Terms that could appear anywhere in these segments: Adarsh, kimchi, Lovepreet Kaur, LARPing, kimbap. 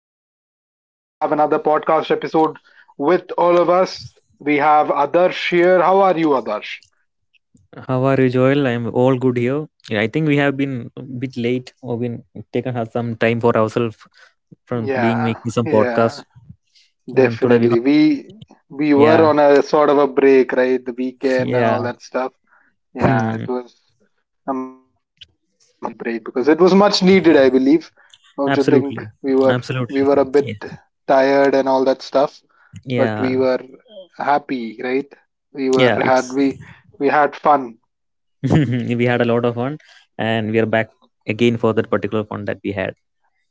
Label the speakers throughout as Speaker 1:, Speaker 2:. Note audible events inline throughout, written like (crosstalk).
Speaker 1: happy to have another podcast episode with all of us. We have Adarsh here. How are you, Adarsh?
Speaker 2: How are you, Joel? I'm all good here. Yeah, I think we have been a bit late or been taken us some time for ourselves from being
Speaker 1: Yeah,
Speaker 2: making some
Speaker 1: yeah,
Speaker 2: podcast. And today we,
Speaker 1: definitely. We were
Speaker 2: yeah,
Speaker 1: on a sort of a break, right? The weekend and all
Speaker 2: yeah,
Speaker 1: that stuff. Yeah,
Speaker 2: hmm,
Speaker 1: it was. I'm happy that we took that break because it was much needed, I believe. Don't you think
Speaker 2: absolutely,
Speaker 1: we were
Speaker 2: absolutely,
Speaker 1: a bit
Speaker 2: yeah,
Speaker 1: tired and all that stuff, but we
Speaker 2: yeah,
Speaker 1: were happy, right? We were
Speaker 2: yeah.
Speaker 1: had
Speaker 2: It's
Speaker 1: we we had fun.
Speaker 2: (laughs) We had a lot of fun, and we are back again for that particular fun that we had.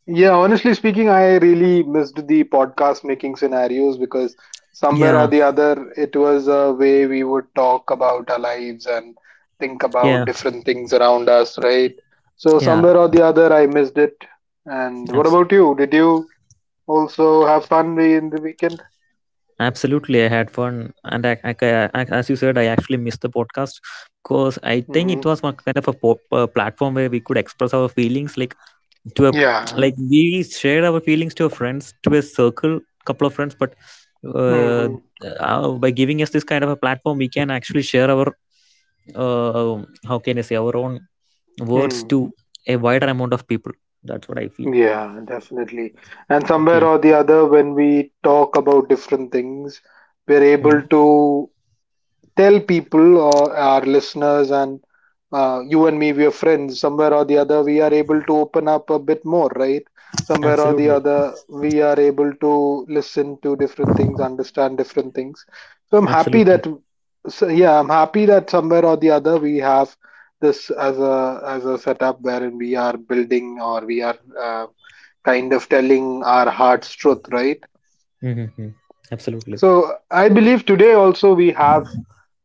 Speaker 1: Yeah, honestly speaking, I really missed the podcast making scenarios because somewhere or
Speaker 2: Yeah,
Speaker 1: the other, it was a way we would talk about our lives and think about
Speaker 2: yeah,
Speaker 1: different things around us, right? So,
Speaker 2: yeah.
Speaker 1: somewhere or the other, I missed it. And what about you? Did you also have fun in the weekend?
Speaker 2: Absolutely, I had fun, and as you said, I actually missed the podcast because I think it
Speaker 1: Hmm.
Speaker 2: was one kind of a platform where we could express our feelings, like to a
Speaker 1: Yeah.
Speaker 2: like we shared our feelings to our friends, to a circle, couple of friends, but uh,
Speaker 1: Hmm.
Speaker 2: by giving us this kind of a platform, we can actually share our uh, how can I say our own words
Speaker 1: Mm.
Speaker 2: to a wider amount of people. That's what I feel.
Speaker 1: Yeah, definitely. And somewhere
Speaker 2: Okay.
Speaker 1: or the other, when we talk about different things, we're
Speaker 2: Mm.
Speaker 1: able to tell people or our listeners, and you and me, we are friends. Somewhere or the other, we are able to open up a bit more, right? Somewhere or the
Speaker 2: Absolutely.
Speaker 1: other, we are able to listen to different things, understand different things. So I'm happy
Speaker 2: Absolutely.
Speaker 1: that, so yeah, I'm happy that somewhere or the other we have this as a setup wherein we are building, or we are uh, kind of telling our heart's truth, right?
Speaker 2: Mm-hmm. Absolutely.
Speaker 1: So I believe today also we have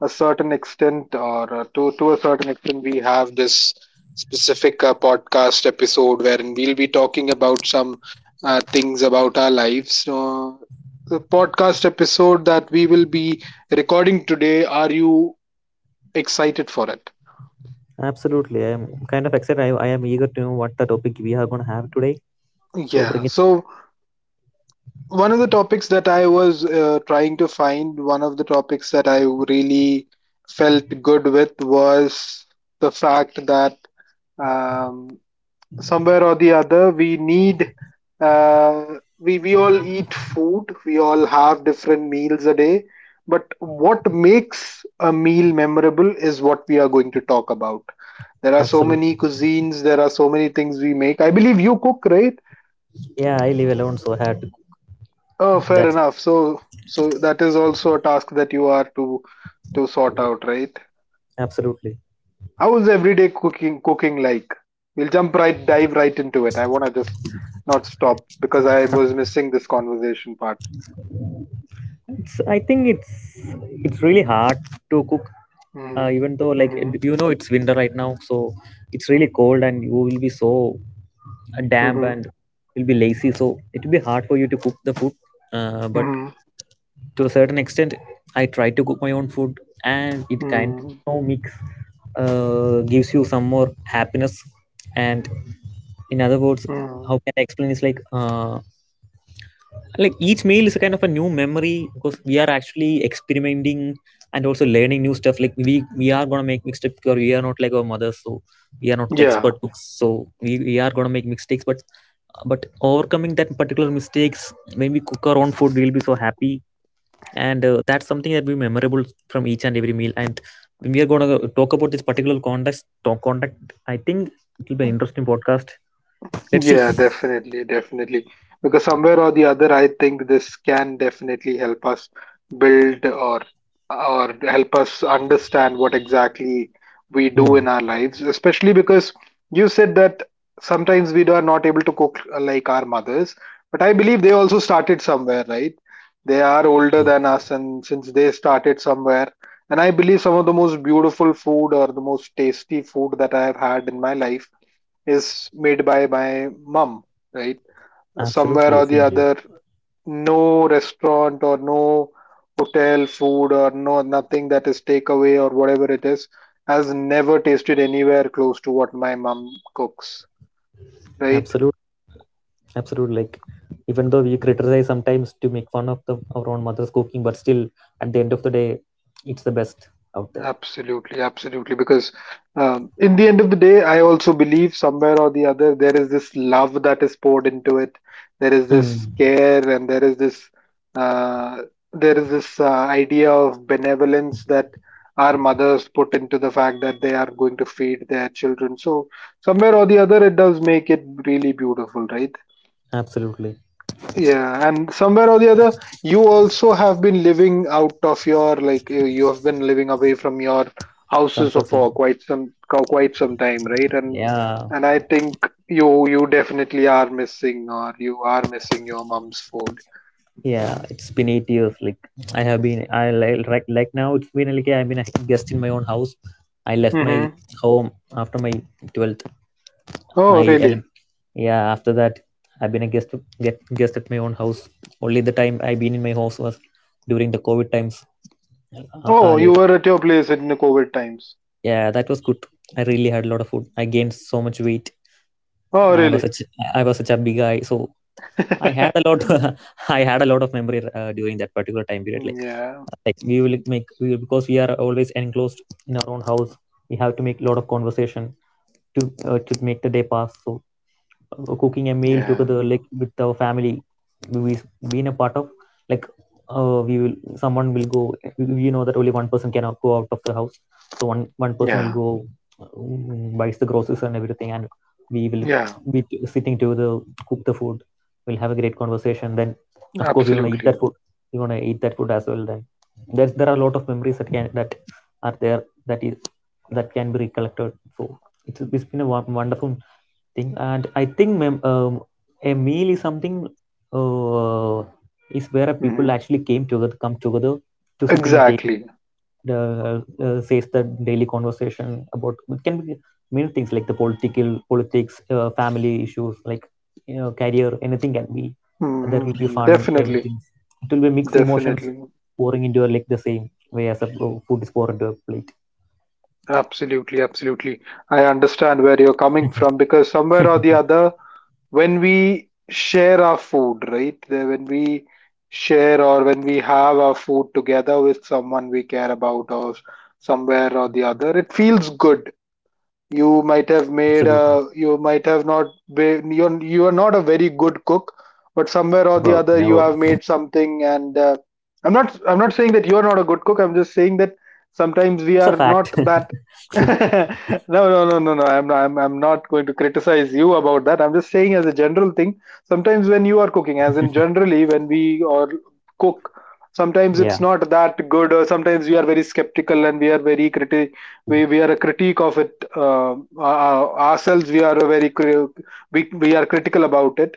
Speaker 1: a certain extent, or to a certain extent, we have this specific podcast episode wherein we'll be talking about some things about our lives. So the podcast episode that we will be recording today, are you excited for it?
Speaker 2: Absolutely. I am kind of excited. I am eager to know what the topic we are going to have today. So bring
Speaker 1: Yeah,
Speaker 2: it.
Speaker 1: so one of the topics that I was trying to find, one of the topics that I really felt good with, was the fact that um, somewhere or the other we need uh, we all eat food. We all have different meals a day, but what makes a meal memorable is what we are going to talk about. There are so
Speaker 2: Absolutely.
Speaker 1: many cuisines, there are so many things we make. I believe you cook, right?
Speaker 2: Yeah, I live alone, so I had to.
Speaker 1: Oh, fair
Speaker 2: That's
Speaker 1: enough.
Speaker 2: my.
Speaker 1: So that is also a task that you are to sort out, right?
Speaker 2: Absolutely.
Speaker 1: How's everyday cooking like? We'll jump right dive right into it. I wanna just not stop because I was missing this conversation part.
Speaker 2: It's, I think it's really hard to cook,
Speaker 1: Mm-hmm.
Speaker 2: even though like
Speaker 1: Mm-hmm.
Speaker 2: you know it's winter right now, so it's
Speaker 1: Mm-hmm.
Speaker 2: really cold and you will be so damp and you'll be lazy. So it will be hard for you to cook the food. But
Speaker 1: Mm-hmm.
Speaker 2: to a certain extent I try to cook my own food, and it kind
Speaker 1: Mm-hmm.
Speaker 2: of mix gives you some more happiness, and in other words,
Speaker 1: Mm-hmm.
Speaker 2: how can I explain. It's like each meal is a kind of a new memory because we are actually experimenting and also learning new stuff, like we are going to make mistakes because we are not like our mothers, so we are not the
Speaker 1: Yeah.
Speaker 2: expert cooks, so we are going to make mistakes, but overcoming that particular mistakes when we cook our own food, we'll be so happy, and that's something that will be memorable from each and every meal. And when we are going to talk about this particular context talk contact, I think it will be an interesting podcast, let's see.
Speaker 1: Yeah, definitely, definitely. Because somewhere or the other, I think this can definitely help us build, or help us understand what exactly we do
Speaker 2: Hmm.
Speaker 1: in our lives, especially because you said that sometimes we are not able to cook like our mothers, but I believe they also started somewhere, right? They are older
Speaker 2: Absolutely,
Speaker 1: than us, and since they started somewhere, and I believe some of the most beautiful food or the most tasty food that I have had in my life is made by my mom, right? Somewhere
Speaker 2: absolutely
Speaker 1: or the
Speaker 2: same here.
Speaker 1: other, no restaurant or no hotel food or no nothing that is takeaway or whatever it is has never tasted anywhere close to what my mom cooks, right?
Speaker 2: Absolute absolute like even though we criticize sometimes to make fun of the our own mother's cooking, but still at the end of the day it's the best out there.
Speaker 1: Absolutely, absolutely. Because in the end of the day, I also believe somewhere or the other there is this love that is poured into it. There is this
Speaker 2: Hmm.
Speaker 1: care, and uh, there is this idea of benevolence that our mothers put into the fact that they are going to feed their children. So somewhere or the other, it does make it really beautiful, right?
Speaker 2: Absolutely.
Speaker 1: Yeah, and somewhere or the other, you also have been living out of your, like, you have been living away from your houses
Speaker 2: Comfort zone,
Speaker 1: for quite some quite some time, right? And
Speaker 2: yeah.
Speaker 1: and I think you definitely are missing, or you are missing your mom's food.
Speaker 2: Yeah, it's been 8 years. Like I have been, I like right, like now it's been like I've been a guest in my own house. I left my
Speaker 1: Mm-hmm.
Speaker 2: home after my 12th,
Speaker 1: Oh,
Speaker 2: my LM.
Speaker 1: really?
Speaker 2: Yeah, after that I've been a guest at my own house. Only the time I've been in my house was during the COVID times.
Speaker 1: Oh, you
Speaker 2: Later,
Speaker 1: were at your place in the COVID times.
Speaker 2: yeah, that was good. I really had a lot of food. I gained so much weight.
Speaker 1: Oh,
Speaker 2: I was
Speaker 1: really?
Speaker 2: such I was such a big guy, so I had a
Speaker 1: (laughs)
Speaker 2: lot. (laughs) I had a lot of memory during that particular time period. Like.
Speaker 1: Yeah,
Speaker 2: Like we will because we are always enclosed in our own house, we have to make a lot of conversation to make the day pass. So cooking a meal
Speaker 1: yeah,
Speaker 2: together like with our family, we been a part of, like, we will someone will go, we know that only one person cannot go out of the house, so one person will
Speaker 1: yeah,
Speaker 2: go, buys the groceries and everything, and we will
Speaker 1: yeah,
Speaker 2: be sitting together, cook the food, we'll have a great conversation. Then of course we're gonna eat that
Speaker 1: absolutely.
Speaker 2: food as well. Then there are a lot of memories that can that are there, that is that can be recollected. So it's been a wonderful thing. And I think a meal is something uh, is where people
Speaker 1: Hmm.
Speaker 2: actually came together come together to sit in a table,
Speaker 1: Exactly.
Speaker 2: uh, says the daily conversation about. It can be many things like the political politics, family issues, like you know, career, anything can be. There will be
Speaker 1: Hmm.
Speaker 2: fun,
Speaker 1: Definitely.
Speaker 2: everything. It will be mixed emotions
Speaker 1: Definitely.
Speaker 2: pouring into a, like the same way as a food is poured into a plate.
Speaker 1: Absolutely. Absolutely. I understand where you're coming from, because somewhere or the
Speaker 2: (laughs)
Speaker 1: other, when we share our food, right? When we share or when we have our food together with someone we care about, or somewhere or the other, it feels good.
Speaker 2: Absolutely.
Speaker 1: You might have not you are not a very good cook, but
Speaker 2: Oh
Speaker 1: somewhere or the
Speaker 2: never,
Speaker 1: other you
Speaker 2: never.
Speaker 1: have made something, and I'm not saying that you are not a good cook. I'm just saying that sometimes we
Speaker 2: It's a
Speaker 1: are not
Speaker 2: fact.
Speaker 1: that. (laughs) No, no, no, no, no. I'm not going to criticize you about that. I'm just saying, as a general thing, sometimes when you are cooking, as in generally when we or cook, sometimes
Speaker 2: (laughs) Yeah.
Speaker 1: it's not that good, or sometimes we are very skeptical and we are very criti we are a critique of it, uh, ourselves. We are critical about it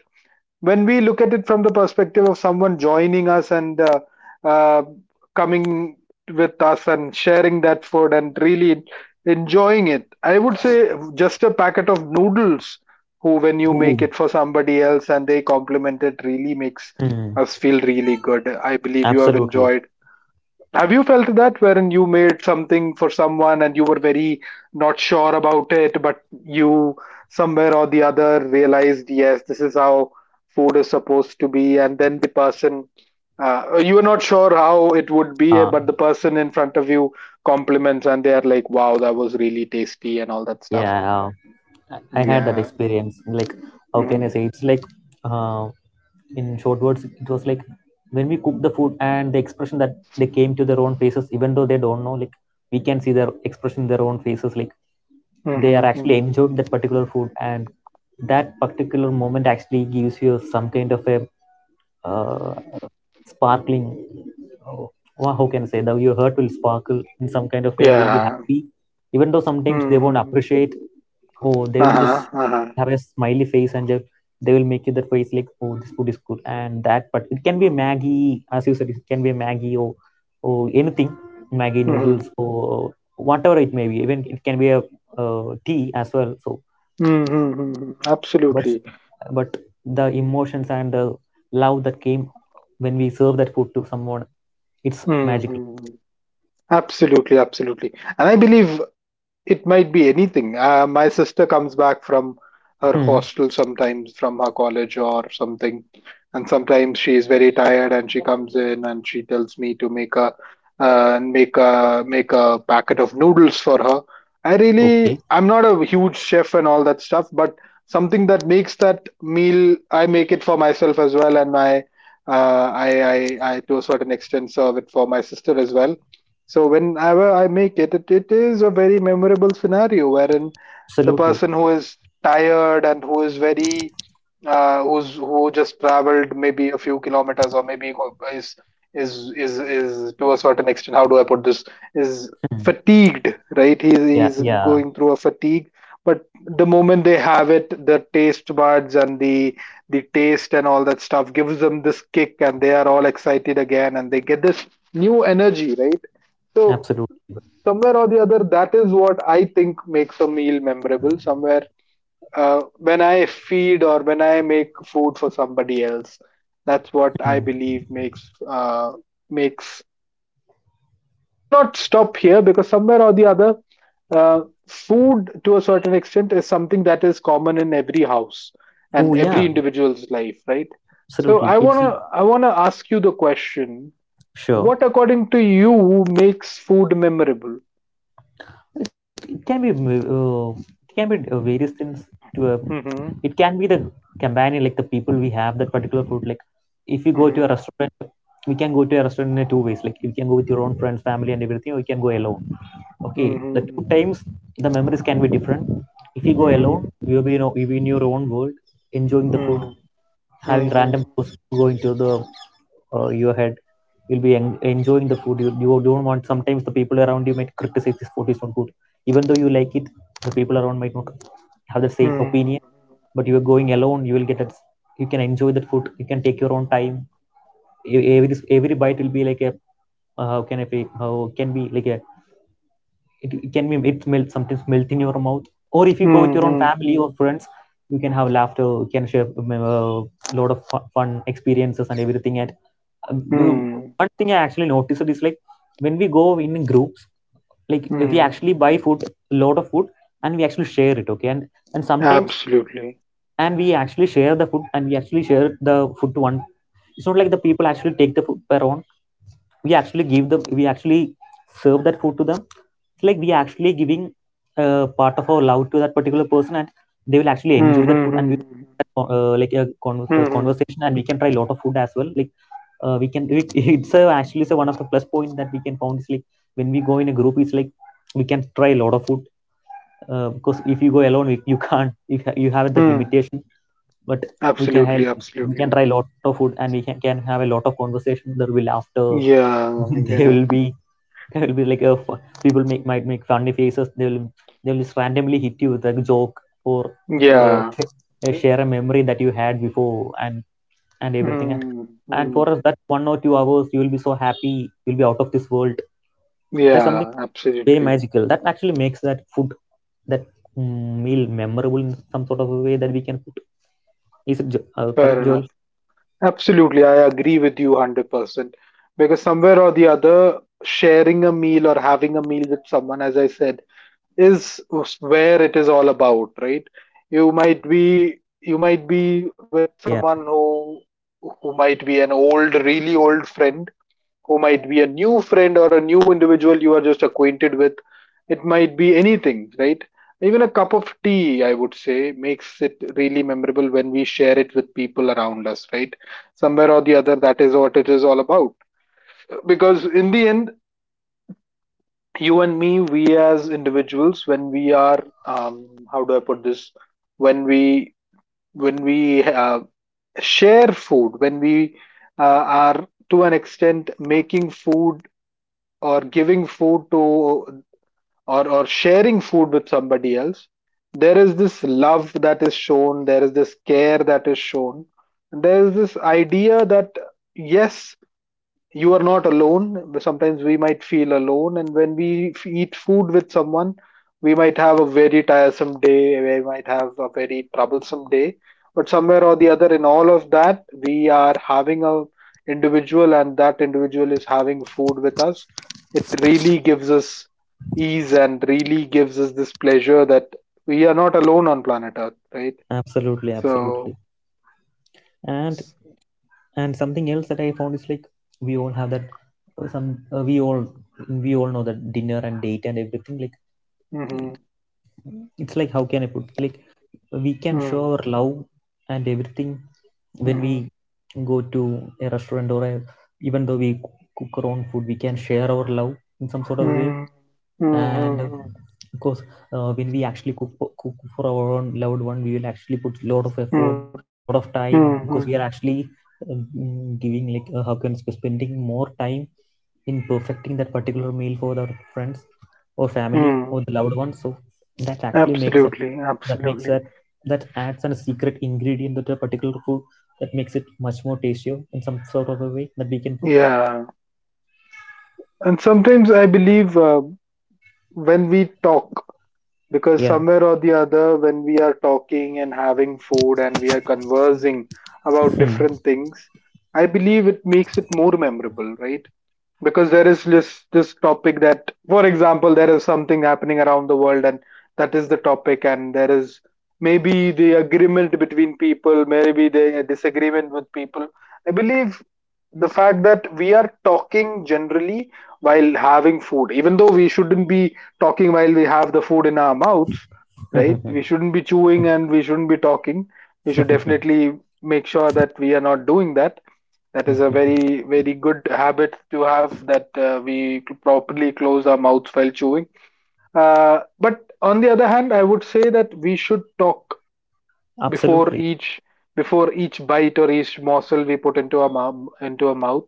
Speaker 1: when we look at it from the perspective of someone joining us and uh, coming with us and sharing that food and really enjoying it. I would say just a packet of noodles, who, when you make
Speaker 2: Oh.
Speaker 1: it for somebody else and they compliment it, really makes
Speaker 2: Mm.
Speaker 1: us feel really good. I believe you have
Speaker 2: Absolutely.
Speaker 1: enjoyed. Have you felt that, wherein you made something for someone and you were very not sure about it, but you somewhere or the other realized, yes, this is how food is supposed to be, and then the person, you were not sure how it would be,
Speaker 2: Uh,
Speaker 1: but the person in front of you compliments and they are like, wow, that was really tasty and all that stuff?
Speaker 2: yeah, I had that
Speaker 1: Yeah.
Speaker 2: experience. Like, how can I
Speaker 1: Hmm.
Speaker 2: say? It's like, uh, in short words it was like when we cook the food and the expression that they came to their own faces, even though they don't know, like we can see their expression in their own faces, like they are
Speaker 1: Hmm.
Speaker 2: actually
Speaker 1: Hmm.
Speaker 2: enjoying that particular food, and that particular moment actually gives you some kind of a uh, sparkling. Oh, how can I say, that your heart will sparkle in some kind of way and will be
Speaker 1: Yeah.
Speaker 2: happy, even though sometimes they won't
Speaker 1: Hmm.
Speaker 2: appreciate. Oh, they will be just
Speaker 1: Uh-huh. Uh-huh.
Speaker 2: have a smiley face, and just they will make you that face like, oh, this food is good and that. But it can be a maggie, as you said, it can be a maggie or anything, maggie
Speaker 1: Hmm.
Speaker 2: noodles or whatever it may be. Even it can be a tea as well. So
Speaker 1: Hmm.
Speaker 2: but
Speaker 1: Absolutely.
Speaker 2: but the emotions and the love that came when we serve that food to someone, it's magical.
Speaker 1: Hmm. Absolutely, absolutely. And I believe it might be anything. My sister comes back from her
Speaker 2: Hmm.
Speaker 1: hostel sometimes, from her college or something. And sometimes she is very tired and she comes in and she tells me to make a, make a packet of noodles for her.
Speaker 2: Okay.
Speaker 1: I'm not a huge chef and all that stuff, but something that makes that meal, I make it for myself as well, and uh, I to a certain extent serve it for my sister as well. So whenever I make it, it is a very memorable scenario wherein the
Speaker 2: Absolutely.
Speaker 1: person who is tired and who is very who just traveled maybe a few kilometers, or maybe is is to a certain extent, how do I put this, is
Speaker 2: Hmm.
Speaker 1: fatigued, right? he's
Speaker 2: Yeah,
Speaker 1: he's
Speaker 2: yeah,
Speaker 1: going through a fatigue, but the moment they have it, the taste buds and the taste and all that stuff gives them this kick, and they are all excited again, and they get this new energy, right? So
Speaker 2: absolutely.
Speaker 1: somewhere or the other, that is what I think makes a meal memorable. Somewhere, when I feed or when I make food for somebody else, that's what I
Speaker 2: Hmm.
Speaker 1: believe makes, makes. But we'll not stop here, because somewhere or the other, uh, food to a certain extent is something that is common in every house and
Speaker 2: Oh
Speaker 1: every
Speaker 2: yeah,
Speaker 1: individual's life, right? So I
Speaker 2: absolutely. It's.
Speaker 1: wanna I wanna ask you the question:
Speaker 2: Sure.
Speaker 1: what, according to you, makes food memorable?
Speaker 2: It uh, it can be various things to
Speaker 1: Hmm.
Speaker 2: it can be the companion, like the people we have that particular food. Like if you go to a
Speaker 1: Mhm.
Speaker 2: restaurant, we can go to a restaurant in a two ways, like you can go with your own friends, family and everything, or you can go alone. Okay. The
Speaker 1: Mhm.
Speaker 2: two times the memories can be different. If you go
Speaker 1: Mhm.
Speaker 2: alone, you'll be, you know, you'll be in your own world enjoying the food,
Speaker 1: Mhm.
Speaker 2: having random
Speaker 1: Mhm.
Speaker 2: thoughts, going to the your head. You'll be enjoying the food. You don't want, sometimes the people around you might criticize, this food is not good, even though you like it, the people around might not have the same
Speaker 1: Mhm.
Speaker 2: opinion. But you are going alone, you will get that, you can enjoy that food, you can take your own time. E- every every bite will be like a, how can I say, how can be like a, it can be it melt, sometimes melt in your mouth. Or if you go with your own
Speaker 1: Mhm.
Speaker 2: family or
Speaker 1: Mhm.
Speaker 2: friends, you can have laughter, you can share a lot of fun experiences and everything. And uh,
Speaker 1: Mhm.
Speaker 2: one thing I actually noticed is, like, when we go in groups, like we
Speaker 1: Mhm.
Speaker 2: actually buy food, a lot of food, and we actually share it. Okay, and sometimes
Speaker 1: Absolutely.
Speaker 2: and we actually share the food, and we actually share the food to one. It's not like the people actually take the food per own. We actually give them. We actually serve that food to them. It's like we actually giving part of our love to that particular person, and they will actually enjoy that food. And we
Speaker 1: Mm-hmm.
Speaker 2: like a, a
Speaker 1: Mm-hmm.
Speaker 2: conversation, and we can try a lot of food as well. Like we can (laughs) it's actually it's, one of the plus point that we can found is, like, when we go in a group, it's like we can try a lot of food, because if you go alone, you can't, you, you have that
Speaker 1: Mm-hmm.
Speaker 2: limitation. But we can
Speaker 1: Absolutely,
Speaker 2: help, we can
Speaker 1: absolutely.
Speaker 2: try a lot of food, and we can have a lot of conversation. There will, after,
Speaker 1: Yeah,
Speaker 2: (laughs) they
Speaker 1: yeah,
Speaker 2: will be, there will be like people make might make funny faces, they will just randomly hit you with a joke, or uh,
Speaker 1: yeah.
Speaker 2: sh- share a memory that you had before and everything. And
Speaker 1: Mm-hmm.
Speaker 2: for us, that 1 or 2 hours, you will be so happy, you'll be out of this world. That's something
Speaker 1: Yeah,
Speaker 2: very
Speaker 1: absolutely.
Speaker 2: magical that actually makes that food, that, mm, meal memorable in some sort of a way that we can put. Is it correct,
Speaker 1: Fair
Speaker 2: Joel?
Speaker 1: enough. Absolutely, I agree with you 100%. Because somewhere or the other, sharing a meal or having a meal with someone, as I said, is where it is all about, right? You might be with
Speaker 2: Yeah,
Speaker 1: someone who might be an old, really old friend, who might be a new friend or a new individual you are just acquainted with. It might be anything, right? Even a cup of tea, I would say, makes it really memorable when we share it with people around us, right? Somewhere or the other, that is what it is all about. Because in the end, you and me, we as individuals, when we are how do I put this, when we when we uh, share food, when we are to an extent making food or giving food to or sharing food with somebody else, there is this love that is shown, there is this care that is shown, and there is this idea that, yes, you are not alone. Sometimes we might feel alone, and when we eat food with someone, we might have a very tiresome day, we might have a very troublesome day, but somewhere or the other, in all of that, we are having a individual and that individual is having food with us. It really gives us ease and really gives us this pleasure that we are not alone on planet Earth, right?
Speaker 2: absolutely,
Speaker 1: So
Speaker 2: absolutely. and and something else that I found is, like, we all have that some we all know that dinner and date and everything, like
Speaker 1: mhm,
Speaker 2: it, it's like, how can I put, like, we can show
Speaker 1: mhm,
Speaker 2: our love and everything when we
Speaker 1: mhm,
Speaker 2: go to a restaurant or a, even though we cook our own food, we can share our love in some sort of way.
Speaker 1: mhm, mhm,
Speaker 2: And of
Speaker 1: mhm.
Speaker 2: course when we actually cook, cook for our own loved one, we will actually put a lot of effort,
Speaker 1: Mm,
Speaker 2: lot of time
Speaker 1: mm,
Speaker 2: because
Speaker 1: mm,
Speaker 2: we are actually giving like how can I say, spending more time in perfecting that particular meal for our friends or family or
Speaker 1: mm.
Speaker 2: the loved ones. So that actually makes it,
Speaker 1: Absolutely,
Speaker 2: that makes
Speaker 1: absolutely.
Speaker 2: that, that adds a secret ingredient to the particular food that makes it much more tastier in some sort of a way that we can put.
Speaker 1: Yeah. And sometimes I believe when we talk, because
Speaker 2: Yeah.
Speaker 1: somewhere or the other, when we are talking and having food and we are conversing about
Speaker 2: Hmm.
Speaker 1: different things, I believe it makes it more memorable, right? Because there is this topic that, for example, there is something happening around the world, and that is the topic. And there is maybe the agreement between people, maybe the disagreement with people. I believe the fact that we are talking generally while having food, even though we shouldn't be talking while we have the food in our mouths, right? We shouldn't be chewing and we shouldn't be talking. We should definitely make sure that we are not doing that. That is a very, very good habit to have, that we properly close our mouths while chewing. But on the other hand, I would say that we should talk
Speaker 2: (laughs)
Speaker 1: before
Speaker 2: Absolutely.
Speaker 1: each before each bite or each morsel we put into our into our mouth.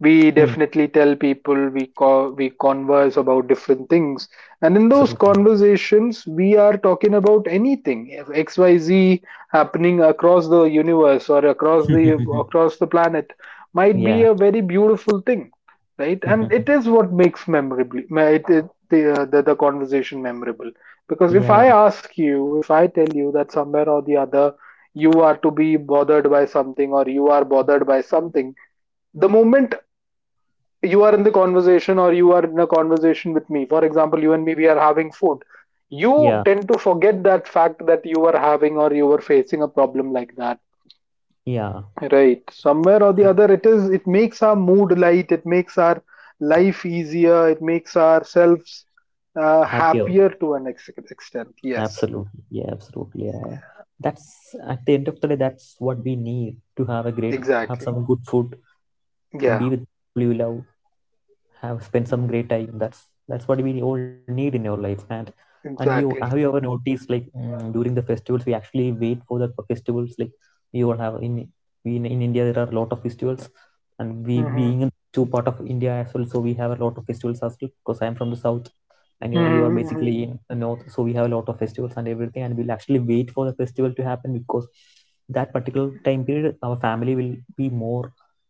Speaker 1: We definitely tell people, we we converse about different things, and in those
Speaker 2: Absolutely.
Speaker 1: conversations we are talking about anything. If XYZ happening across the universe or
Speaker 2: (laughs)
Speaker 1: across the planet might be
Speaker 2: Yeah.
Speaker 1: a very beautiful thing, right? And it
Speaker 2: (laughs)
Speaker 1: is what makes memorable it, it the conversation memorable. Because if
Speaker 2: Yeah.
Speaker 1: I ask you, if I tell you that somewhere or the other you are to be bothered by something or you are bothered by something, the moment you are in the conversation or you are in a conversation with me, for example, you and me, we are having food,
Speaker 2: Yeah.
Speaker 1: you tend to forget that fact that you were having or you were facing a problem like that.
Speaker 2: Yeah.
Speaker 1: Right. Somewhere or the other, it is, it makes our mood light, it makes our life easier, it makes ourselves
Speaker 2: Happier.
Speaker 1: happier to an extent. Yes,
Speaker 2: Absolutely, yeah, absolutely. Yeah, yeah. That's at the end of the day, that's what we need, to have a great, have
Speaker 1: exactly.
Speaker 2: some good food, be
Speaker 1: Yeah.
Speaker 2: with people you love, have spend some
Speaker 1: Mm.
Speaker 2: great time. That's what we all need in our life. And you have, you ever
Speaker 1: Exactly.
Speaker 2: noticed like during the festivals we actually wait for the festivals, like we all have in, we in India there are a lot of festivals, and we being
Speaker 1: Mm-hmm.
Speaker 2: in two part of India as well, so we have a lot of festivals as well because I am from the south, and you know you are
Speaker 1: Mm-hmm.
Speaker 2: basically in the north, so we have a lot of festivals and everything, and we'll actually wait for the festival to happen because that particular time period our family will be more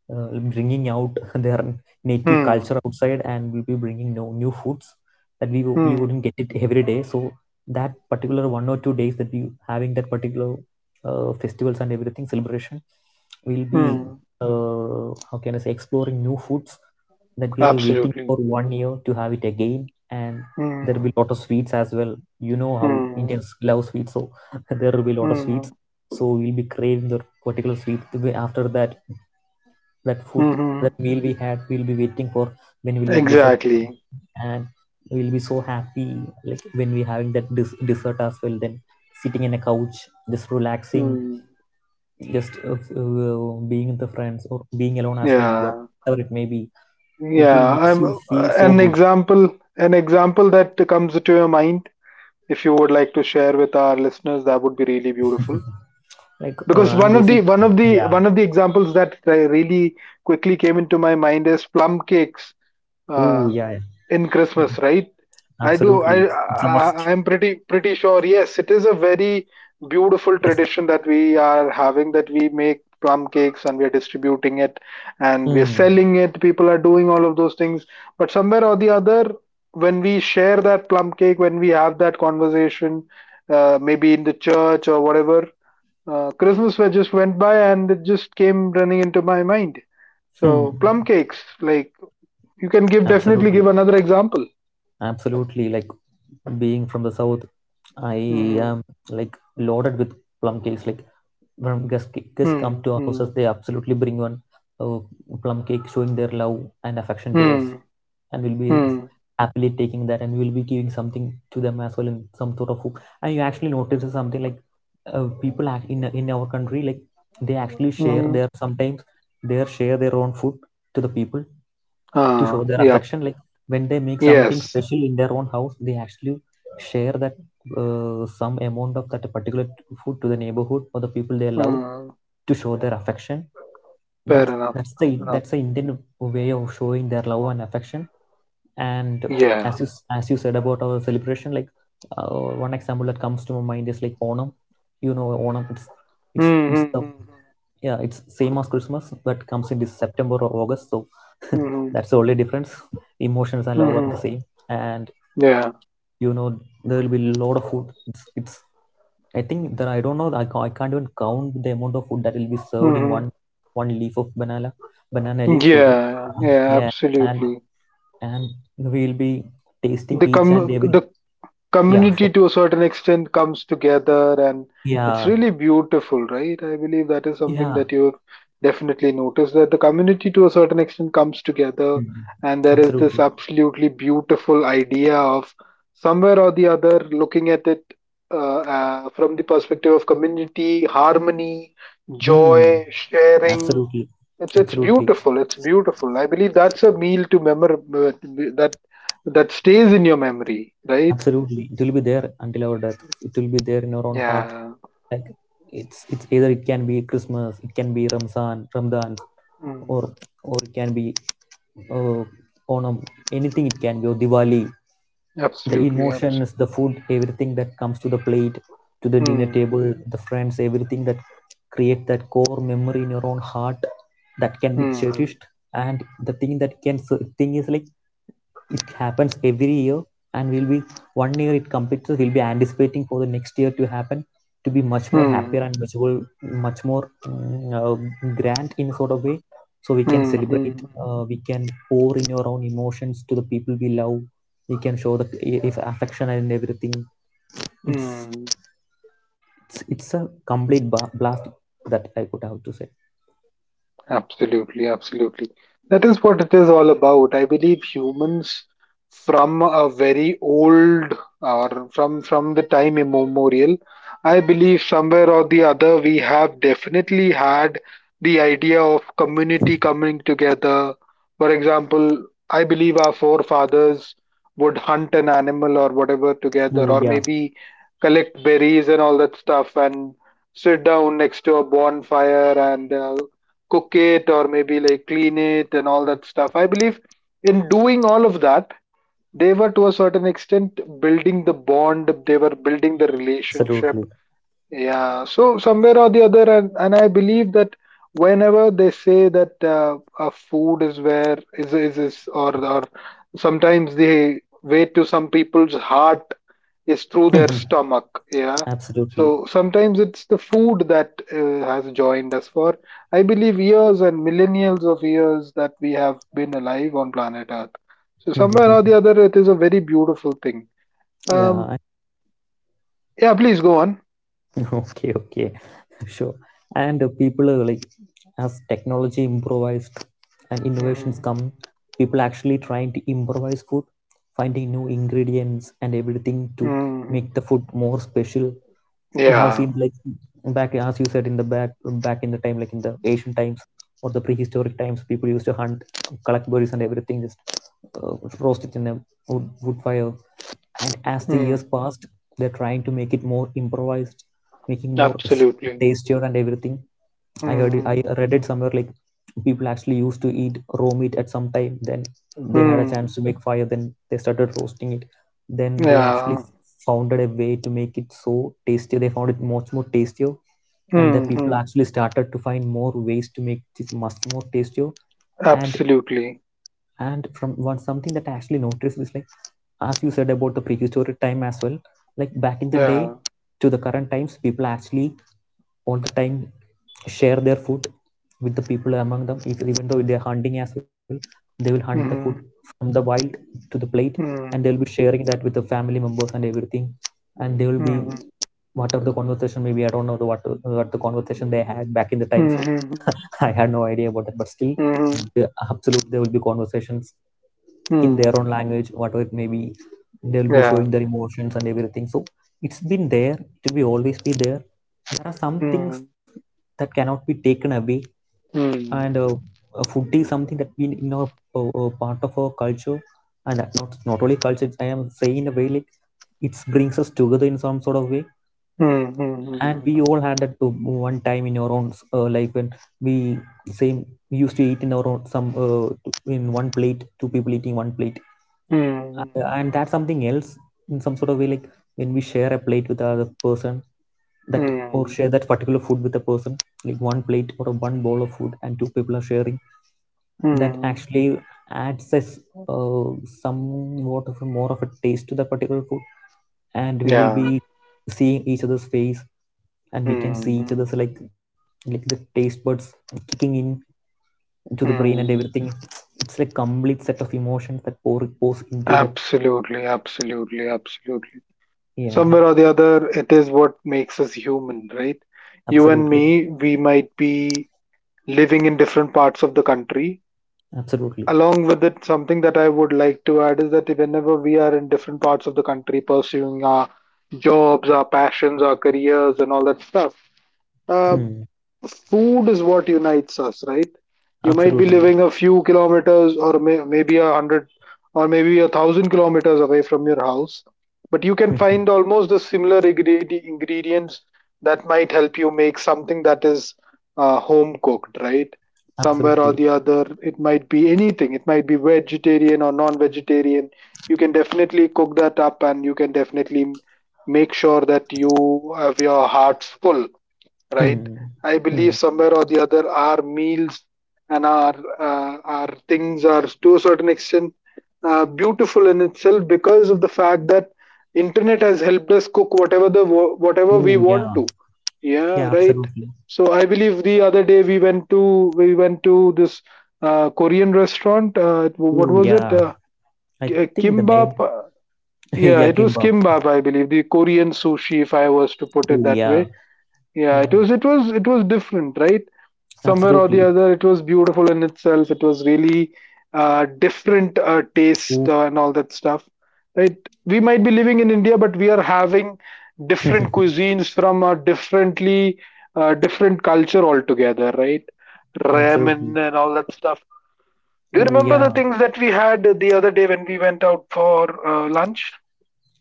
Speaker 2: uh, bringing out (laughs) their native
Speaker 1: Mm-hmm.
Speaker 2: culture outside, and we'll be bringing no new foods that we, we
Speaker 1: Mm-hmm.
Speaker 2: wouldn't get it every day. So that particular 1 or 2 days that we having that particular festivals and everything celebration, we'll be
Speaker 1: Mm-hmm.
Speaker 2: how can I say, exploring new foods that we are waiting for
Speaker 1: Absolutely.
Speaker 2: 1 year to have it again. And there
Speaker 1: Mm-hmm.
Speaker 2: will be a lot of sweets as well, you know how
Speaker 1: Mm-hmm.
Speaker 2: Indians love sweets, so (laughs) there will be a lot of sweets,
Speaker 1: Mm-hmm.
Speaker 2: so we'll be craving that particular sweet. After that, that food,
Speaker 1: Mm-hmm.
Speaker 2: that meal we had, we'll be waiting for when will that dessert come.
Speaker 1: Exactly.
Speaker 2: And we'll be so happy like when we're having that dessert as well, then sitting in a couch, just relaxing,
Speaker 1: Mm.
Speaker 2: just being with the friends or being alone as well. But
Speaker 1: Yeah.
Speaker 2: whatever it may be, it will
Speaker 1: Yeah.
Speaker 2: makes you feel so
Speaker 1: An
Speaker 2: good.
Speaker 1: example, an example that comes to your mind, if you would like to share with our listeners, that would be really beautiful.
Speaker 2: (laughs) Like
Speaker 1: Because
Speaker 2: I'm
Speaker 1: one of
Speaker 2: basic.
Speaker 1: the one of the
Speaker 2: Yeah.
Speaker 1: one of the examples that really quickly came into my mind is plum cakes.
Speaker 2: Oh
Speaker 1: Uh,
Speaker 2: yeah, yeah.
Speaker 1: in Christmas, right? I do.
Speaker 2: Absolutely,
Speaker 1: I,
Speaker 2: it's a must.
Speaker 1: I I'm pretty sure. Yes, it is a very beautiful
Speaker 2: Yes.
Speaker 1: tradition that we are having. That we make plum cakes and we are distributing it and we're
Speaker 2: Hmm.
Speaker 1: selling it. People are doing all of those things. But somewhere or the other, when we share that plum cake, when we have that conversation, maybe in the church or whatever, Christmas fair just went by and it just came running into my mind.
Speaker 2: Hmm.
Speaker 1: So plum cakes, like, you can give definitely
Speaker 2: Absolutely.
Speaker 1: give another example.
Speaker 2: Absolutely, like being from the south, I
Speaker 1: Mhm.
Speaker 2: am like loaded with plum cakes. Like when guests, guests come
Speaker 1: Hmm.
Speaker 2: to our houses,
Speaker 1: Hmm.
Speaker 2: they absolutely bring one uh, plum cake showing their love and affection to us,
Speaker 1: Hmm.
Speaker 2: and we'll be
Speaker 1: Mm,
Speaker 2: happily taking that, and we'll be giving something to them as well in some sort of hook. And you actually notice something like people act in our country, like they actually share
Speaker 1: mhm.
Speaker 2: their, sometimes they share their own food to the people to show
Speaker 1: Ah,
Speaker 2: their
Speaker 1: yep.
Speaker 2: affection. Like when they make something
Speaker 1: Yes.
Speaker 2: special in their own house, they actually share that some amount of that particular food to the neighborhood or the people they love,
Speaker 1: Mm,
Speaker 2: to show their affection.
Speaker 1: fair
Speaker 2: that's
Speaker 1: enough.
Speaker 2: that's the,
Speaker 1: Fair enough.
Speaker 2: that's the Indian way of showing their love and affection. And
Speaker 1: Yeah.
Speaker 2: as you as you said about our celebration, like uh, one example that comes to my mind is like Onam. You know Onam, it's, it's the,
Speaker 1: Mm-hmm.
Speaker 2: yeah, it's same as Christmas but comes in this September or August, so (laughs)
Speaker 1: Mm-hmm.
Speaker 2: that's the only difference. Emotions and love are the
Speaker 1: Mm-hmm.
Speaker 2: same. And
Speaker 1: Yeah.
Speaker 2: you know, there will be a lot of food. It's, I think that, I don't know, I can't even count the amount of food that will be served in
Speaker 1: Mm-hmm.
Speaker 2: one one leaf of banana, banana leaf, sorry.
Speaker 1: Yeah.
Speaker 2: uh,
Speaker 1: Yeah.
Speaker 2: yeah. and
Speaker 1: Absolutely.
Speaker 2: and we'll be tasting
Speaker 1: The
Speaker 2: each and
Speaker 1: com
Speaker 2: every.
Speaker 1: the
Speaker 2: Yeah, sure.
Speaker 1: community to a certain extent comes together, and it's
Speaker 2: Yeah.
Speaker 1: really beautiful, right? I believe that is
Speaker 2: Yeah.
Speaker 1: something that you've definitely noticed, that the community to a certain extent comes together,
Speaker 2: Mhm.
Speaker 1: and there is
Speaker 2: Absolutely.
Speaker 1: this absolutely beautiful idea of somewhere or the other looking at it, from the perspective of community, harmony,
Speaker 2: Hmm.
Speaker 1: joy, sharing.
Speaker 2: Absolutely.
Speaker 1: It's
Speaker 2: Absolutely.
Speaker 1: beautiful, it's beautiful. I believe that's a meal to memor that that stays in your memory, right?
Speaker 2: Absolutely, it will be there until our death, it will be there in our own heart.
Speaker 1: Yeah.
Speaker 2: Like it's either it can be Christmas, it can be Ramzan, Ramadan, or
Speaker 1: Mm.
Speaker 2: or it can be uh, Onam, anything it can be, or Diwali. The
Speaker 1: Absolutely.
Speaker 2: emotions, the
Speaker 1: Absolutely.
Speaker 2: food, everything that comes to the plate, to the dinner
Speaker 1: Mm.
Speaker 2: table, the friends, everything that create that core memory in your own heart that can be
Speaker 1: Mm.
Speaker 2: cherished. And the thing that can, so thing is like it happens every year, and we'll be, 1 year it completes, we'll be anticipating for the next year to happen, to be much more happier
Speaker 1: Mm.
Speaker 2: and much more, much more grand in a sort of way, so we can
Speaker 1: Mm.
Speaker 2: celebrate.
Speaker 1: Mm.
Speaker 2: We can pour in your own emotions to the people we love, we can show the if affection and everything. It's,
Speaker 1: Mm.
Speaker 2: it's a complete blast that I could have to say.
Speaker 1: Absolutely, absolutely. That is what it is all about. I believe humans from a very old or from the time immemorial, I believe somewhere or the other, we have definitely had the idea of community coming together. For example, I believe our forefathers would hunt an animal or whatever together,
Speaker 2: Oh,
Speaker 1: or
Speaker 2: yeah,
Speaker 1: maybe collect berries and all that stuff and sit down next to a bonfire and cook it or maybe like clean it and all that stuff. I believe in doing all of that, they were to a certain extent building the bond, they were building the
Speaker 2: absolutely.
Speaker 1: relationship. Yeah, so somewhere or the other, and I believe that whenever they say that a food is where is or sometimes the way to some people's heart is through their stomach,
Speaker 2: (laughs)
Speaker 1: yeah.
Speaker 2: Absolutely.
Speaker 1: So sometimes it's the food that has joined us for, I believe, years and millennials of years that we have been alive on planet Earth. So somewhere or the other, it is a very beautiful thing.
Speaker 2: (laughs) Yeah.
Speaker 1: um yeah, please go on.
Speaker 2: (laughs) Okay, okay, sure. And people, like as technology improvised and innovations come,
Speaker 1: Hmm.
Speaker 2: people actually trying to improvise food, finding new ingredients and everything to make
Speaker 1: Hmm.
Speaker 2: the food more special. You have seen
Speaker 1: Yeah.
Speaker 2: like back, as you said, in the back, back in the time, like in the ancient times or the prehistoric times, people used to hunt, collect berries and everything, just uh, roast it in a wood fire. And as the years
Speaker 1: Mm.
Speaker 2: passed, they're trying to make it more improvised, making more
Speaker 1: Absolutely.
Speaker 2: tastier and everything. I heard it, I
Speaker 1: Hmm.
Speaker 2: read it somewhere like people actually used to eat raw meat at some time. Then they had a
Speaker 1: Hmm.
Speaker 2: chance to make fire, then they started roasting it, then they actually
Speaker 1: Yeah.
Speaker 2: founded a way to make it so tasty. They found it much more tastier, and the people
Speaker 1: Hmm.
Speaker 2: actually started to find more ways to make it much more tastier. and
Speaker 1: Absolutely.
Speaker 2: and from one, something that I actually noticed is like, as you said about the prehistoric time as well, like back in the day
Speaker 1: Yeah.
Speaker 2: to the current times, people actually all the time share their food with the people among them. If, even though they're hunting as well, they will hunt the food
Speaker 1: Hmm.
Speaker 2: from the wild to the plate, and they'll be sharing that with the family members and everything. And they will be,
Speaker 1: Hmm.
Speaker 2: whatever the conversation maybe, I don't know the what the conversation they had back in the time, so
Speaker 1: Hmm.
Speaker 2: (laughs) I had no idea about it, but still
Speaker 1: Mhm.
Speaker 2: yeah, absolutely, there will be conversations in their
Speaker 1: Mm.
Speaker 2: own language, whatever it may be. They'll be showing
Speaker 1: Yeah.
Speaker 2: their emotions and everything. So it's been there. It will be always be there. There are some things
Speaker 1: Mm.
Speaker 2: that cannot be taken away, and
Speaker 1: Mm.
Speaker 2: food is something that been in our part of our culture, and that not, not only culture. I am saying in a way like it brings us together in some sort of way,
Speaker 1: Mm.
Speaker 2: and
Speaker 1: Mm.
Speaker 2: we all had that one time in our own life when we, same, we used to eat in our own some in one plate, two people eating one plate.
Speaker 1: Mm. Mm.
Speaker 2: And that's something else, in some sort of way, like when we share a plate with the other person, that
Speaker 1: Mm.
Speaker 2: or share
Speaker 1: Mm,
Speaker 2: that particular food with a person, like one plate or a one bowl of food and two people are sharing, that
Speaker 1: mm.
Speaker 2: actually adds us uh, somewhat of a more of a taste to the particular food. And we will be
Speaker 1: Yeah.
Speaker 2: seeing each other's face, and we can see
Speaker 1: Mm.
Speaker 2: each other's,
Speaker 1: Mm.
Speaker 2: like the taste buds kicking in into the brain and
Speaker 1: Mm.
Speaker 2: everything. It's like complete set of emotions that pours into that.
Speaker 1: Absolutely, absolutely, absolutely.
Speaker 2: Yeah.
Speaker 1: Somewhere or the other, it is what makes us human, right? You and
Speaker 2: Absolutely.
Speaker 1: me, we might be living in different parts of the country.
Speaker 2: Absolutely.
Speaker 1: Along with it, something that I would like to add is that whenever we are in different parts of the country pursuing our jobs, our passions, our careers, and all that stuff, uh,
Speaker 2: Hmm.
Speaker 1: food is what unites us, right? You might be
Speaker 2: Absolutely.
Speaker 1: living a few kilometers or maybe a hundred or maybe a thousand kilometers away from your house, but you can
Speaker 2: Hmm.
Speaker 1: find almost the similar ingredients that might help you make something that is home cooked, right? Somewhere
Speaker 2: Absolutely.
Speaker 1: or the other, it might be anything, it might be vegetarian or non vegetarian. You can definitely cook that up and you can definitely make sure that you have your hearts full, right?
Speaker 2: Hmm.
Speaker 1: I
Speaker 2: Hmm.
Speaker 1: believe somewhere or the other, our meals and our things are to a certain extent beautiful in itself because of the fact that internet has helped us cook whatever the whatever
Speaker 2: Oh
Speaker 1: we
Speaker 2: yeah.
Speaker 1: want to.
Speaker 2: Yeah,
Speaker 1: Yeah, right.
Speaker 2: absolutely.
Speaker 1: So I believe the other day we went to this Korean restaurant. It-
Speaker 2: Oh
Speaker 1: what was
Speaker 2: yeah,
Speaker 1: it?
Speaker 2: I think the name.
Speaker 1: Kimbap.
Speaker 2: (laughs) Yeah,
Speaker 1: Yeah, it
Speaker 2: kimbab.
Speaker 1: was kimbap, I believe, the Korean sushi, if I was to put
Speaker 2: Oh
Speaker 1: it that
Speaker 2: yeah.
Speaker 1: way. Yeah,
Speaker 2: Hmm.
Speaker 1: it was it was different, right? Somewhere or
Speaker 2: Absolutely.
Speaker 1: the other, it was beautiful in itself. It was really different
Speaker 2: Oh.
Speaker 1: taste and all that stuff, right? We might be living in India, but we are having
Speaker 2: (laughs)
Speaker 1: different cuisines from a differently different culture altogether, right?
Speaker 2: Absolutely.
Speaker 1: Ramen and all that stuff. Do
Speaker 2: Oh
Speaker 1: you
Speaker 2: yeah.
Speaker 1: remember the things that we had the other day when we went out for lunch?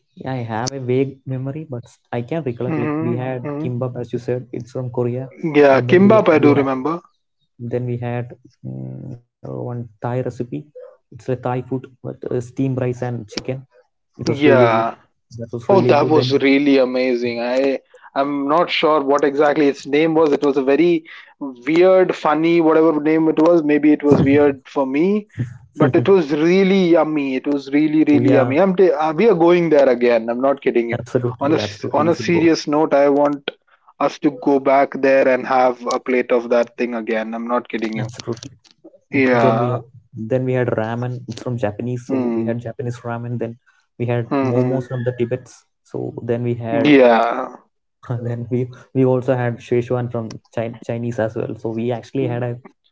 Speaker 2: Yeah, I have a vague memory, but I can recollect. Like we had
Speaker 1: Mm-hmm, hmm.
Speaker 2: kimbap, as you said, it's from Korea, and
Speaker 1: Yeah,
Speaker 2: then we, yeah,
Speaker 1: kimbap.
Speaker 2: we
Speaker 1: I
Speaker 2: had,
Speaker 1: do remember.
Speaker 2: then we had one Thai recipe. It's a Thai food, but steamed rice and chicken. It was really good.
Speaker 1: Yeah.
Speaker 2: That was really
Speaker 1: Oh,
Speaker 2: good.
Speaker 1: that
Speaker 2: And
Speaker 1: was really amazing. I'm not sure what exactly its name was. It was a very weird, funny, whatever name it was. Maybe it was weird for me, but it
Speaker 2: (laughs)
Speaker 1: was really yummy. It was really,
Speaker 2: we
Speaker 1: really
Speaker 2: are,
Speaker 1: yummy. I'm we are going there again. I'm not kidding you.
Speaker 2: absolutely,
Speaker 1: On a
Speaker 2: absolutely, we
Speaker 1: on a
Speaker 2: should go.
Speaker 1: serious note, I want us to go back there and have a plate of that thing again. I'm not kidding you.
Speaker 2: Absolutely. Then we,
Speaker 1: Yeah.
Speaker 2: then we had ramen. It's from Japanese, so we had
Speaker 1: Hmm.
Speaker 2: Japanese ramen. Then we had momos
Speaker 1: Mm.
Speaker 2: from the Tibets. So then we had
Speaker 1: Hmm. Yeah.
Speaker 2: (laughs) and then we also had Szechuan from Chinese as well. So we actually had a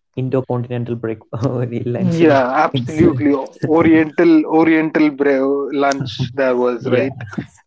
Speaker 2: intercontinental break (laughs) lunch
Speaker 1: Yeah,
Speaker 2: in
Speaker 1: absolutely. Oriental, Oriental
Speaker 2: (laughs)
Speaker 1: lunch there was,
Speaker 2: yeah.
Speaker 1: right?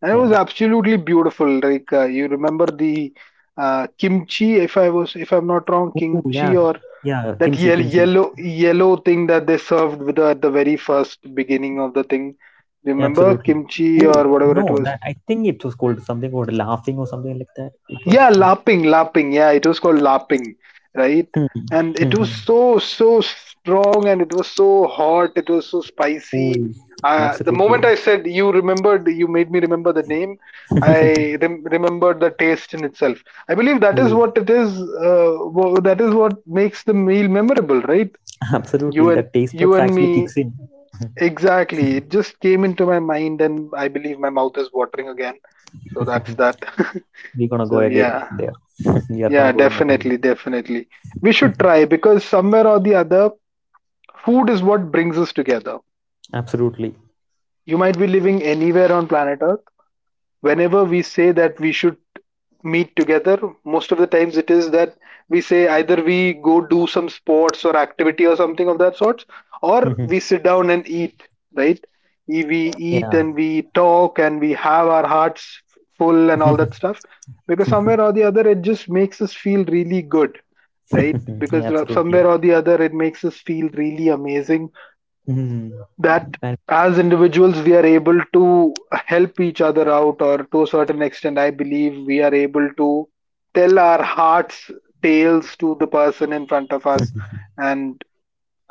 Speaker 1: And it was absolutely beautiful. Like, you remember the kimchi, if I was, if I'm not wrong,
Speaker 2: Ooh, yeah.
Speaker 1: kimchi or
Speaker 2: Yeah,
Speaker 1: that
Speaker 2: kimchi,
Speaker 1: yellow
Speaker 2: kimchi.
Speaker 1: yellow yellow thing that they served with the, at the very first beginning of the thing.
Speaker 2: Yeah,
Speaker 1: Remember
Speaker 2: absolutely. Oh,
Speaker 1: kimchi or whatever
Speaker 2: no,
Speaker 1: it
Speaker 2: that
Speaker 1: was.
Speaker 2: I think it was called something called laughing or something like that. It was.
Speaker 1: Yeah, LARPing, LARPing. Yeah, it was called LARPing, right?
Speaker 2: Hmm,
Speaker 1: And
Speaker 2: hmm,
Speaker 1: it
Speaker 2: hmm.
Speaker 1: was so, so strong and it was so hot, it was so
Speaker 2: Oh,
Speaker 1: spicy. The
Speaker 2: absolutely.
Speaker 1: moment I said you remembered, you made me remember the name, I
Speaker 2: (laughs)
Speaker 1: remembered the taste in itself. I believe that
Speaker 2: Ooh,
Speaker 1: is what it is, that is what makes the meal memorable, right?
Speaker 2: absolutely. The
Speaker 1: You and
Speaker 2: taste buds
Speaker 1: you and
Speaker 2: actually kicks
Speaker 1: me,
Speaker 2: in. (laughs)
Speaker 1: exactly. It just came into my mind and I believe my mouth is watering again. So that's that. (laughs)
Speaker 2: We're gonna go
Speaker 1: So
Speaker 2: again
Speaker 1: yeah.
Speaker 2: there. (laughs) We are gonna
Speaker 1: Yeah,
Speaker 2: going again.
Speaker 1: definitely, definitely. We should
Speaker 2: (laughs)
Speaker 1: try, because somewhere or the other, food is what brings us together.
Speaker 2: Absolutely.
Speaker 1: You might be living anywhere on planet Earth, whenever we say that we should meet together, most of the times it is that we say either we go do some sports or activity or something of that sort, or
Speaker 2: (laughs)
Speaker 1: we sit down and eat, right? We
Speaker 2: Yeah.
Speaker 1: eat and we talk and we have our hearts full and all that
Speaker 2: (laughs)
Speaker 1: stuff, because somewhere or the other, it just makes us feel really good, right?
Speaker 2: Yeah,
Speaker 1: Because
Speaker 2: absolutely.
Speaker 1: somewhere or the other, it makes us feel really amazing,
Speaker 2: Mhm.
Speaker 1: that
Speaker 2: And
Speaker 1: as individuals we are able to help each other out, or to a certain extent, I believe we are able to tell our hearts tales to the person in front of us.
Speaker 2: (laughs)
Speaker 1: And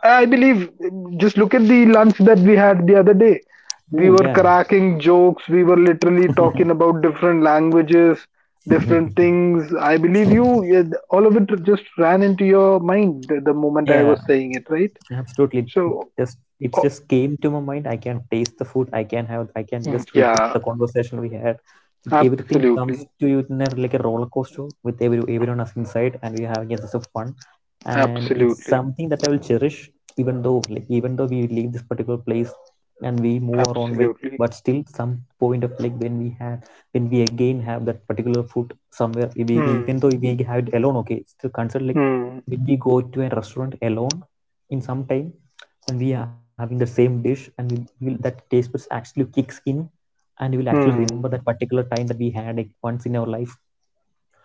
Speaker 1: I believe, just look at the lunch that we had the other day,
Speaker 2: oh
Speaker 1: we were
Speaker 2: yeah,
Speaker 1: cracking jokes, we were literally talking about different languages,
Speaker 2: (laughs)
Speaker 1: different things, I believe you, yeah, all of it just ran into your mind the moment I
Speaker 2: yeah.
Speaker 1: was saying it, right?
Speaker 2: Absolutely, it
Speaker 1: So.
Speaker 2: just, it
Speaker 1: Oh,
Speaker 2: just came to my mind. I can taste the food. I can have. I can just recall the
Speaker 1: yeah.
Speaker 2: conversation we had. It, everything comes to
Speaker 1: Absolutely,
Speaker 2: you in a, like a roller coaster with every, everyone else inside, and we're having a sense of fun. And it's
Speaker 1: absolutely,
Speaker 2: something that I will cherish, even though like even though we leave this particular place and we move our own way. But
Speaker 1: absolutely.
Speaker 2: still, some point of like when we have, when we again have that particular food somewhere, we, even though
Speaker 1: Hmm,
Speaker 2: we have it alone, okay, it's still considered like
Speaker 1: hmm,
Speaker 2: when we go to a restaurant alone in some time, and we are having the same dish, and we will, that taste buds actually kicks in, and we will actually remember that
Speaker 1: hmm,
Speaker 2: particular time that we had it once in our life,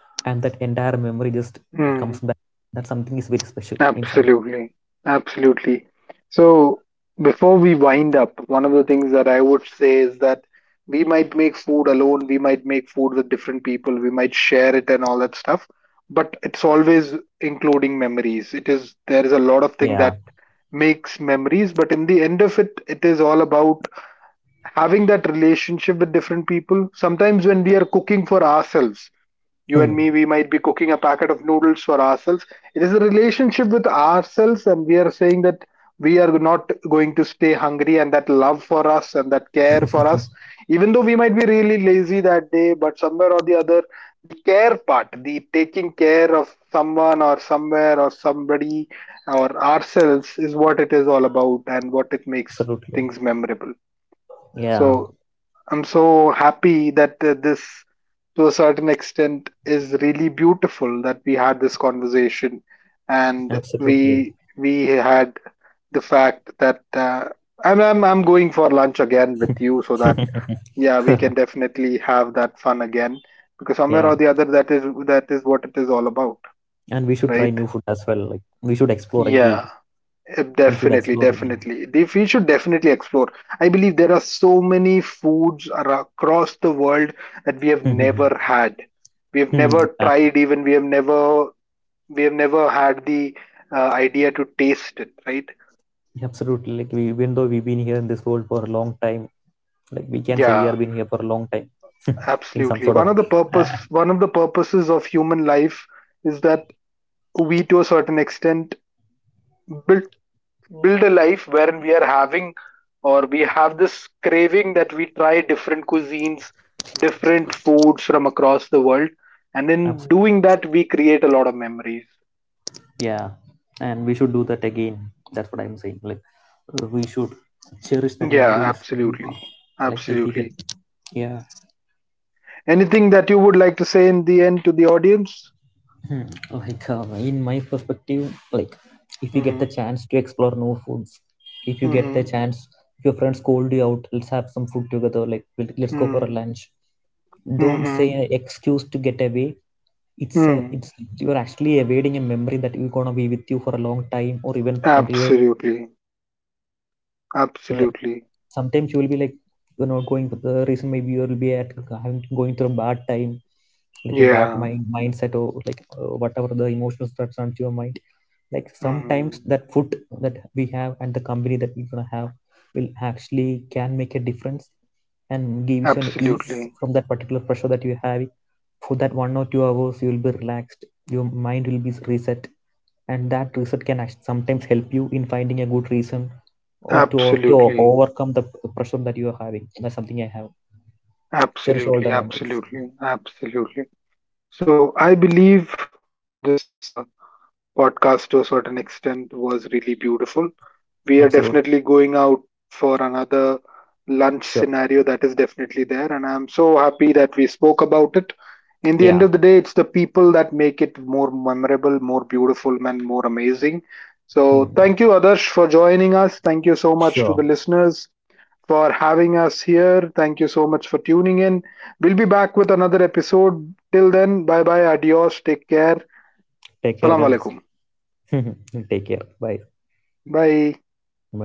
Speaker 2: and that entire memory just comes
Speaker 1: hmm.
Speaker 2: back. That something is very special in something.
Speaker 1: Absolutely. Absolutely. So, before we wind up, one of the things that I would say is that we might make food alone, we might make food with different people, we might share it and all that stuff, but it's always including memories. It is, there is a lot
Speaker 2: Yeah.
Speaker 1: of thing that makes memories, but in the end of it, it is all about having that relationship with different people. Sometimes when we are cooking for ourselves,
Speaker 2: Hmm.
Speaker 1: you and me, we might be cooking a packet of noodles for ourselves, it is a relationship with ourselves and we are saying that we are not going to stay hungry, and that love for us and that care
Speaker 2: (laughs)
Speaker 1: for us, even though we might be really lazy that day, but somewhere or the other, the care part, the taking care of someone or somewhere or somebody or ourselves, is what it is all about, and what it makes
Speaker 2: Absolutely.
Speaker 1: things memorable.
Speaker 2: Yeah,
Speaker 1: So I'm so happy that this, to a certain extent, is really beautiful that we had this conversation, and
Speaker 2: absolutely.
Speaker 1: we had the fact that I'm, I'm going for lunch again with you, so that
Speaker 2: (laughs)
Speaker 1: yeah, we can definitely have that fun again, because
Speaker 2: Yeah.
Speaker 1: somewhere or the other, that is what it is all about,
Speaker 2: And we should try new
Speaker 1: right?
Speaker 2: food as well, like we should explore again.
Speaker 1: Yeah.
Speaker 2: We should explore
Speaker 1: Definitely, definitely. We should definitely explore. I believe there are so many foods across the world that we have
Speaker 2: again. (laughs)
Speaker 1: never had. We
Speaker 2: Hmm.
Speaker 1: have
Speaker 2: Yeah,
Speaker 1: never tried, even we have never, we have never had the idea to taste it, right?
Speaker 2: absolutely, like we, even though we've been here in this world for a long time, like we can say we have been
Speaker 1: Yeah,
Speaker 2: here for a long time. (laughs) In some sort
Speaker 1: absolutely.
Speaker 2: of,
Speaker 1: One of the
Speaker 2: uh,
Speaker 1: purpose, one of the purposes of human life is that we, to a certain extent, build build a life wherein we are having or we have this craving that we try different cuisines, different foods from across the world. And in doing that, we create a lot of memories.
Speaker 2: yeah. And we should do that again, that's what I'm saying, like we should cherish the
Speaker 1: Yeah,
Speaker 2: memories we have.
Speaker 1: absolutely.
Speaker 2: Like if we get,
Speaker 1: Absolutely.
Speaker 2: yeah.
Speaker 1: Anything that you would like to say in the end to the audience?
Speaker 2: Hmm. Like in my perspective, like if you get the
Speaker 1: Mm-hmm.
Speaker 2: chance to explore new foods, if you get the
Speaker 1: Mm-hmm.
Speaker 2: chance, if your friends called you out, let's have some food together, like let's go for a
Speaker 1: Mm.
Speaker 2: lunch, don't say an
Speaker 1: Mm-hmm.
Speaker 2: excuse to get away. It's a, it's,
Speaker 1: Mm.
Speaker 2: you're actually evading a memory that you're gonna be with you for a long time or even until your death.
Speaker 1: Absolutely.
Speaker 2: And like sometimes you'll be
Speaker 1: Absolutely.
Speaker 2: sometimes you will be like, you're not going for the reason, maybe you'll be at having going through a bad time, like a bad
Speaker 1: Yeah.
Speaker 2: mindset, or like whatever the emotions that's on your mind, like sometimes
Speaker 1: Mm.
Speaker 2: that food that we have and the company that we're gonna have will actually can make a difference, and gives you an ease
Speaker 1: Absolutely.
Speaker 2: from that particular pressure that you have. For that 1 or 2 hours you will be relaxed, your mind will be reset, and that reset can sometimes help you in finding a good reason or to, or to
Speaker 1: Absolutely.
Speaker 2: overcome the pressure that you are having. That's something I have. Cherish all the
Speaker 1: Absolutely,
Speaker 2: memories.
Speaker 1: absolutely, absolutely. So I believe this podcast to a certain extent was really beautiful. We are
Speaker 2: Absolutely.
Speaker 1: definitely going out for another lunch
Speaker 2: Sure.
Speaker 1: scenario that is definitely there, and I'm so happy that we spoke about it. In the
Speaker 2: Yeah.
Speaker 1: end of the day, it's the people that make it more memorable, more beautiful, and more amazing.
Speaker 2: Hmm.
Speaker 1: So thank you, Adarsh, for joining us. Thank you so
Speaker 2: Sure.
Speaker 1: much to the listeners for having us here. Thank you so much for tuning in. We'll be back with another episode. Till then, bye bye, adios, take care.
Speaker 2: Take care
Speaker 1: Salam
Speaker 2: guys.
Speaker 1: alaikum.
Speaker 2: (laughs) Take care, bye,
Speaker 1: Bye.
Speaker 2: bye.